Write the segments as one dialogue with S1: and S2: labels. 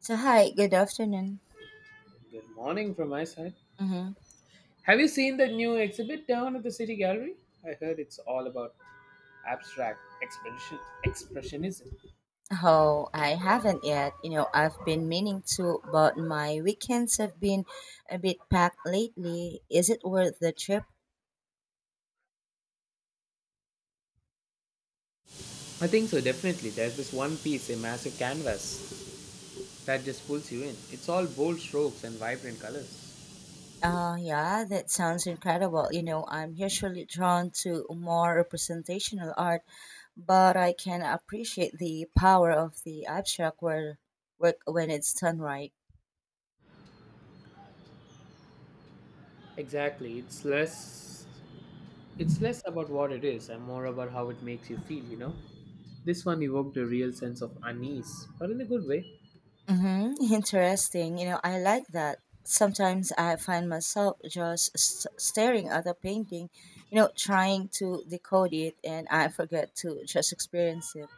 S1: So hi, good afternoon.
S2: Good morning from my side.
S1: Mm-hmm.
S2: Have you seen the new exhibit down at the City Gallery? I heard it's all about abstract expression expressionism.
S1: Oh, I haven't yet. You know, I've been meaning to, but my weekends have been a bit packed lately. Is it worth the trip?
S2: I think so definitely. There's this one piece, a massive canvas that just pulls you in. It's all bold strokes and vibrant colors.
S1: Yeah, that sounds incredible. You know, I'm usually drawn to more representational art, but I can appreciate the power of the abstract work when it's done right.
S2: Exactly. It's less about what it is and more about how it makes you feel, you know? This one evoked a real sense of unease, but in a good way.
S1: Mm-hmm. Interesting. You know, I like that. Sometimes I find myself just staring at a painting, you know, trying to decode it, and I forget to just experience it.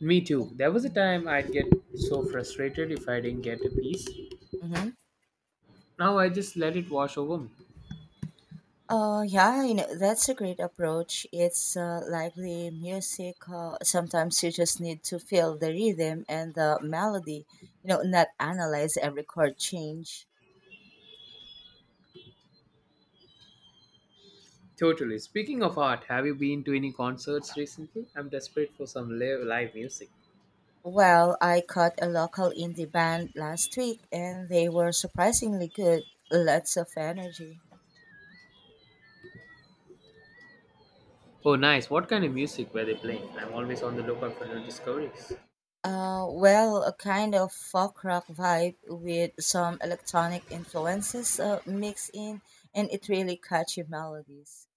S2: Me too. There was a time I'd get so frustrated if I didn't get a piece.
S1: Mm-hmm.
S2: Now I just let it wash over me.
S1: Yeah, you know, that's a great approach. It's like the music. Sometimes you just need to feel the rhythm and the melody, you know, not analyze every chord change.
S2: Totally. Speaking of art, have you been to any concerts recently? I'm desperate for some live music.
S1: Well, I caught a local indie band last week and they were surprisingly good. Lots of energy.
S2: Oh, nice. What kind of music were they playing? I'm always on the lookout for new discoveries.
S1: Well, a kind of folk rock vibe with some electronic influences mixed in, and it really catchy melodies.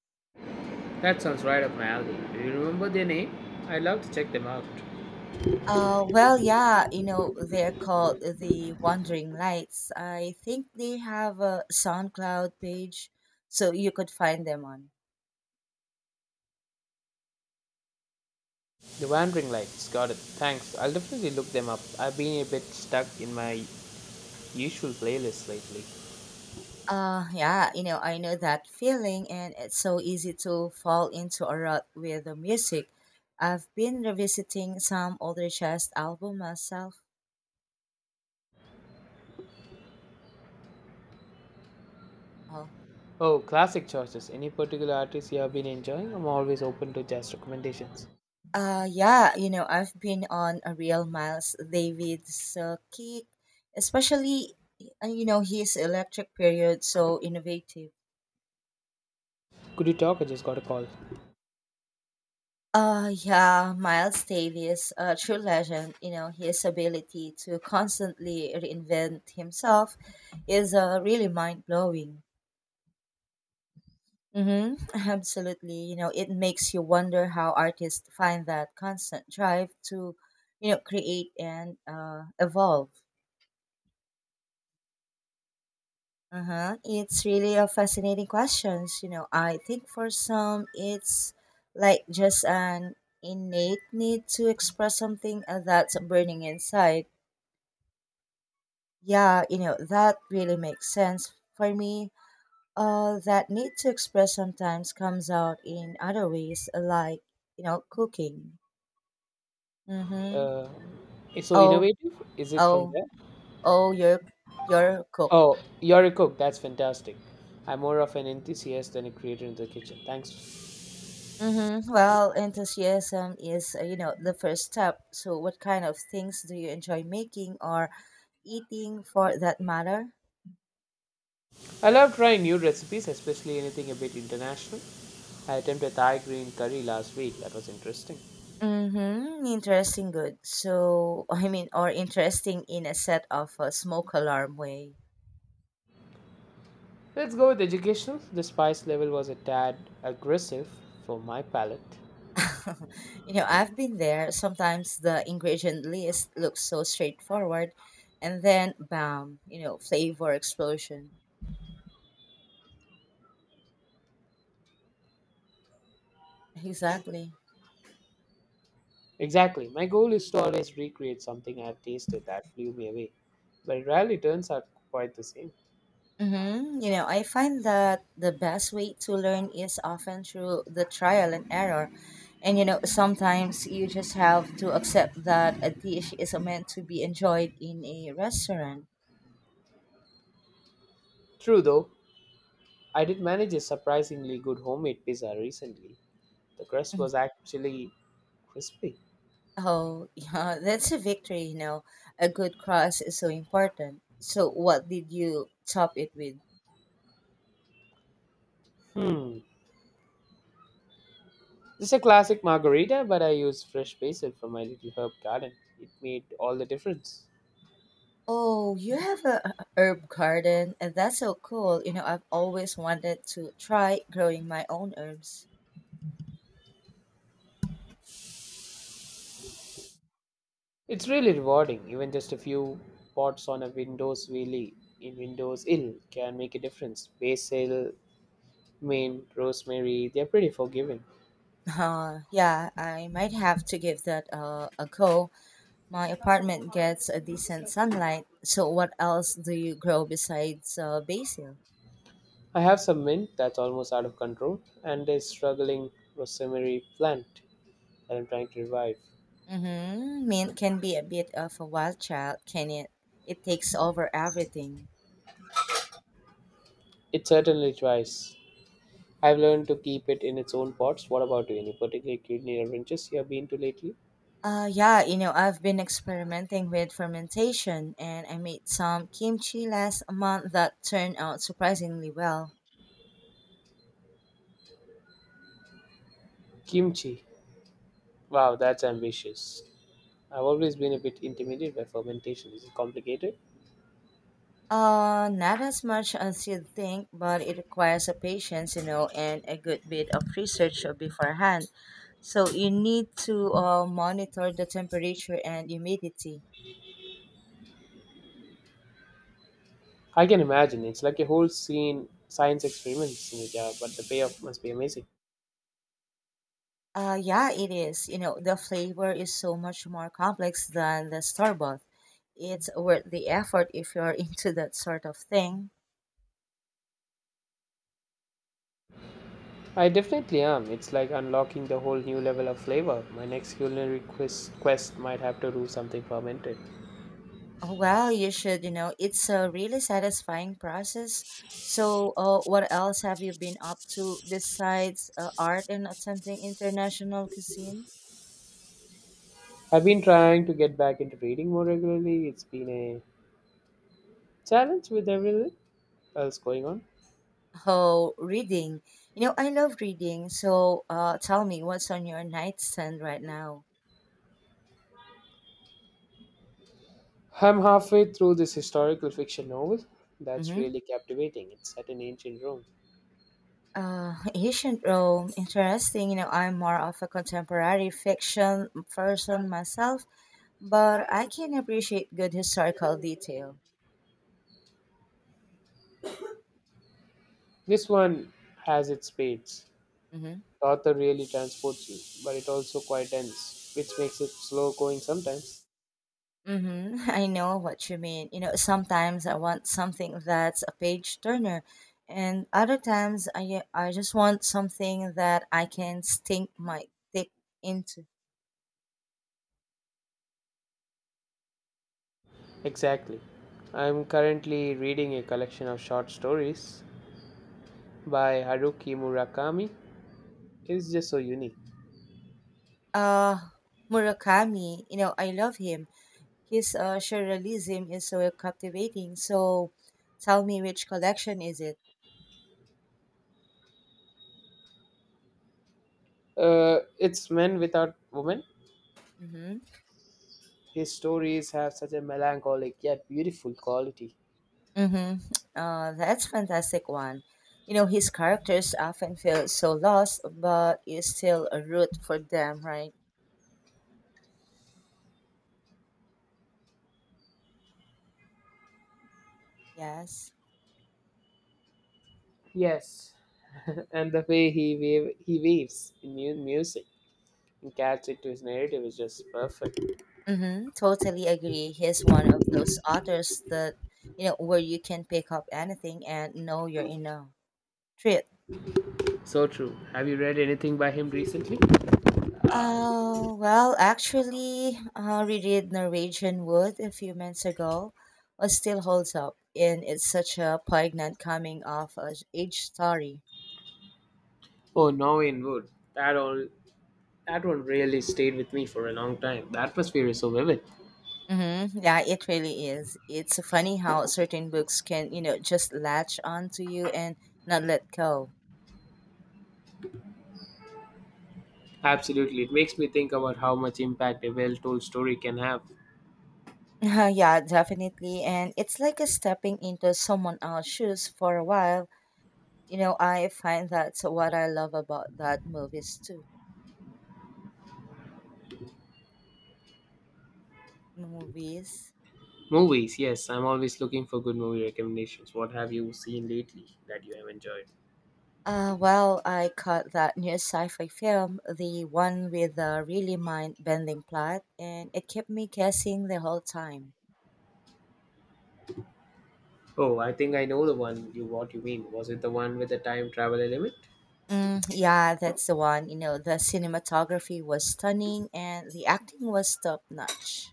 S2: That sounds right up my alley. Do you remember their name? I'd love to check them out.
S1: Well, yeah, you know, they're called the Wandering Lights. I think they have a SoundCloud page, so you could find them on.
S2: The Wandering Lights. Got it. Thanks. I'll definitely look them up. I've been a bit stuck in my usual playlist lately.
S1: Yeah, you know, I know that feeling, and it's so easy to fall into a rut with the music. I've been revisiting some older jazz album myself. Oh,
S2: Oh, classic choices. Any particular artist you have been enjoying? I'm always open to jazz recommendations.
S1: yeah, you know, I've been on a real Miles Davis kick, especially, you know, his electric period so innovative.
S2: Could you talk? I just got a call.
S1: Yeah, Miles Davis, a true legend. You know, his ability to constantly reinvent himself is really mind blowing. Mm-hmm, absolutely. You know, it makes you wonder how artists find that constant drive to, you know, create and evolve. Uh-huh. It's really a fascinating questions. You know, I think for some, it's like just an innate need to express something that's burning inside. Yeah, you know, that really makes sense for me. That need to express sometimes comes out in other ways, like, you know, cooking. Mm-hmm.
S2: Uh, It's so
S1: Oh,
S2: innovative? Is it from
S1: oh,
S2: there?
S1: oh, you're, you're a cook.
S2: Oh, you're a cook. That's fantastic. I'm more of an enthusiast than a creator in the kitchen. Thanks.
S1: Mm-hmm. Well, enthusiasm is, you know, the first step. So, what kind of things do you enjoy making or eating for that matter?
S2: I love trying new recipes, especially anything a bit international. I attempted Thai green curry last week. That was interesting.
S1: Mm-hmm. Interesting, good. So, I mean, or interesting in a set of a smoke alarm way.
S2: Let's go with educational. The spice level was a tad aggressive for my palate.
S1: You know, I've been there. Sometimes the ingredient list looks so straightforward, and then bam, you know, flavor explosion. Exactly.
S2: Exactly. My goal is to always recreate something I've tasted that blew me away, but it rarely turns out quite the same.
S1: Mm-hmm. You know, I find that the best way to learn is often through the trial and error. And, you know, sometimes you just have to accept that a dish is meant to be enjoyed in a restaurant.
S2: True though, I did manage a surprisingly good homemade pizza recently. The crust was actually crispy.
S1: Oh, yeah, that's a victory, you know. A good cross is so important. So, what did you top it with?
S2: Hmm. Just a classic margarita, but I used fresh basil from my little herb garden. It made all the difference.
S1: Oh, you have a herb garden, and that's so cool. You know, I've always wanted to try growing my own herbs.
S2: It's really rewarding. Even just a few pots on a Windows wheelie in Windows Ill can make a difference. Basil, mint, rosemary, they're pretty forgiving.
S1: Yeah, I might have to give that a go. My apartment gets a decent sunlight. So, what else do you grow besides basil?
S2: I have some mint that's almost out of control and a struggling rosemary plant that I'm trying to revive.
S1: Mm-hmm. Mint can be a bit of a wild child, can it? It takes over everything.
S2: It certainly tries. I've learned to keep it in its own pots. What about you? Any particular culinary adventures you have been to lately?
S1: Yeah, you know, I've been experimenting with fermentation and I made some kimchi last month that turned out surprisingly well.
S2: Kimchi. Wow, that's ambitious. I've always been a bit intimidated by fermentation. Is it complicated?
S1: Not as much as you'd think, but it requires a patience, you know, and a good bit of research beforehand. So you need to monitor the temperature and humidity.
S2: I can imagine. It's like a whole scene, science experiments in a jar, but the payoff must be amazing.
S1: Yeah, it is. You know, the flavor is so much more complex than the store bought. It's worth the effort if you're into that sort of thing.
S2: I definitely am. It's like unlocking the whole new level of flavor. My next culinary quiz quest might have to do something fermented.
S1: Well, you should, you know, it's a really satisfying process. So, what else have you been up to besides art and attempting international cuisine?
S2: I've been trying to get back into reading more regularly. It's been a challenge with everything else going on.
S1: Oh, reading. You know, I love reading. So, tell me what's on your nightstand right now.
S2: I'm halfway through this historical fiction novel that's
S1: Mm-hmm.
S2: really captivating. It's set in ancient Rome.
S1: Ancient Rome, interesting. You know, I'm more of a contemporary fiction person myself, but I can appreciate good historical detail.
S2: This one has its spades.
S1: Mm-hmm.
S2: The author really transports you, but it also quite dense, which makes it slow going sometimes.
S1: Mm-hmm. I know what you mean. You know, sometimes I want something that's a page turner, and other times I just want something that I can sink my dick into.
S2: Exactly. I'm currently reading a collection of short stories by Haruki Murakami. It's just so unique.
S1: Uh, Murakami. You know, I love him. His surrealism is so captivating. So, tell me which collection is it?
S2: It's Men Without Women.
S1: Mm-hmm.
S2: His stories have such a melancholic yet beautiful quality.
S1: Mm-hmm. That's fantastic one. You know, his characters often feel so lost, but you still a root for them, right? Yes.
S2: Yes, and the way he waves in music and adds it to his narrative is just perfect.
S1: Mm-hmm. Totally agree. He's one of those authors that, you know, where you can pick up anything and know you're in a treat.
S2: So true. Have you read anything by him recently?
S1: Well, actually, reread Norwegian Wood a few months ago. It still holds up, and it's such a poignant coming of age story.
S2: Oh, Norwegian Wood. That all that one really stayed with me for a long time. The atmosphere is so vivid.
S1: Mm-hmm. Yeah, it really is. It's funny how certain books can, you know, just latch onto you and not let go.
S2: Absolutely, it makes me think about how much impact a well-told story can have.
S1: Yeah, definitely. And it's like a stepping into someone else's shoes for a while. You know, I find that's what I love about that movies too. Movies.
S2: Movies, yes, I'm always looking for good movie recommendations. What have you seen lately that you have enjoyed?
S1: Well, I caught that new sci-fi film, the one with a really mind-bending plot, and it kept me guessing the whole time.
S2: Oh, I think I know the one you what you mean. Was it the one with the time travel element?
S1: Mm, yeah, that's the one. You know, the cinematography was stunning, and the acting was top-notch.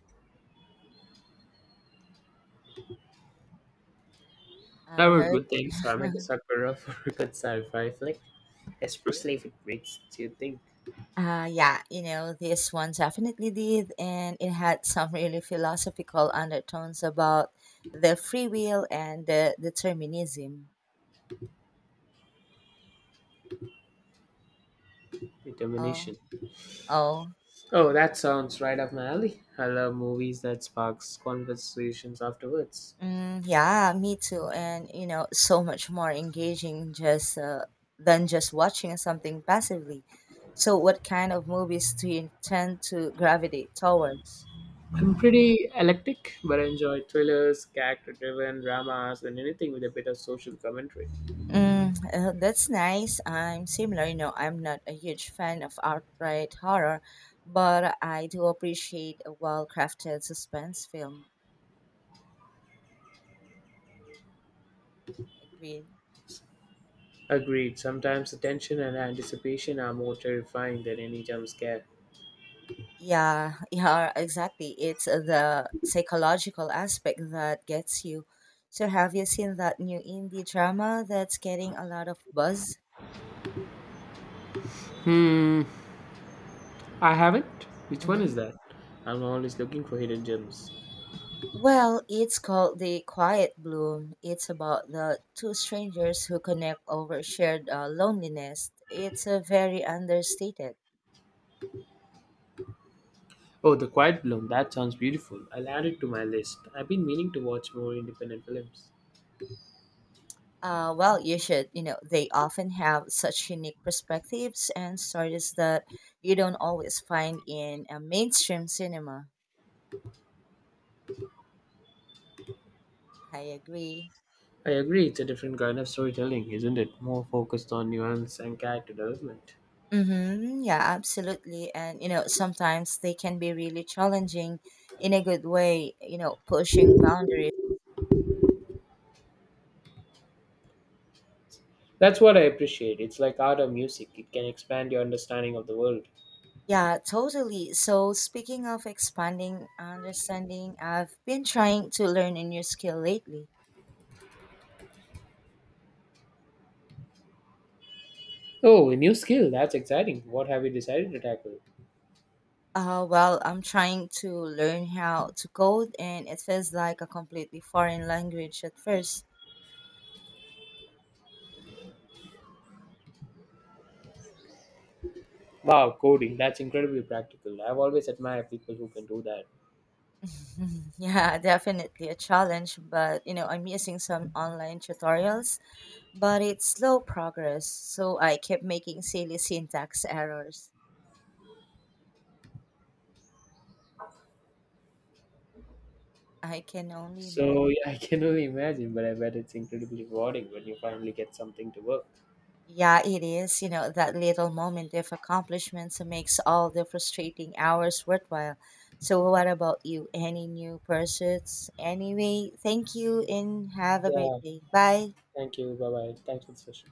S2: That
S1: I've
S2: were
S1: heard.
S2: good things. I'm like a sucker of a good sci-fi flick, especially if it makes you think.
S1: Yeah, you know, this one definitely did, and it had some really philosophical undertones about the free will and the determinism.
S2: Determination.
S1: Oh, oh,
S2: Oh, that sounds right up my alley. I love movies that sparks conversations afterwards.
S1: mm, yeah, me too. And you know, so much more engaging just than just watching something passively. So, what kind of movies do you tend to gravitate towards?
S2: I'm pretty eclectic, but I enjoy thrillers, character-driven dramas, and anything with a bit of social commentary.
S1: Mm, that's nice. I'm similar. You know, I'm not a huge fan of outright horror, but I do appreciate a well-crafted suspense film. Agreed.
S2: Agreed. Sometimes the tension and anticipation are more terrifying than any jump scare.
S1: Yeah, yeah, exactly. It's the psychological aspect that gets you. So, have you seen that new indie drama that's getting a lot of buzz?
S2: Hmm, I haven't. Which one
S1: Mm-hmm.
S2: is that? I'm always looking for hidden gems.
S1: Well, it's called The Quiet Bloom. It's about the two strangers who connect over shared loneliness. It's a very understated.
S2: Oh, The Quiet Bloom. That sounds beautiful. I'll add it to my list. I've been meaning to watch more independent films.
S1: Well, you should, you know, they often have such unique perspectives and stories that you don't always find in a mainstream cinema. I agree.
S2: I agree, it's a different kind of storytelling, isn't it? More focused on nuance and character development.
S1: Mm-hmm. Yeah, absolutely. And, you know, sometimes they can be really challenging in a good way, you know, pushing boundaries.
S2: That's what I appreciate. It's like art or music, it can expand your understanding of the world.
S1: Yeah, totally. So, speaking of expanding understanding, I've been trying to learn a new skill lately.
S2: Oh, a new skill. That's exciting. What have you decided to tackle?
S1: Well, I'm trying to learn how to code, and it feels like a completely foreign language at first.
S2: Wow, coding. That's incredibly practical. I've always admired people who can do that.
S1: Yeah, definitely a challenge, but you know, I'm using some online tutorials, but it's slow progress, so I kept making silly syntax errors. I can only imagine.
S2: So, yeah, I can only imagine, but I bet it's incredibly rewarding when you finally get something to work.
S1: Yeah, it is. You know, that little moment of accomplishments makes all the frustrating hours worthwhile. So, what about you? Any new pursuits? Anyway, thank you and have a great
S2: Yeah,
S1: day. Bye.
S2: thank you. Bye bye. Thanks for the session.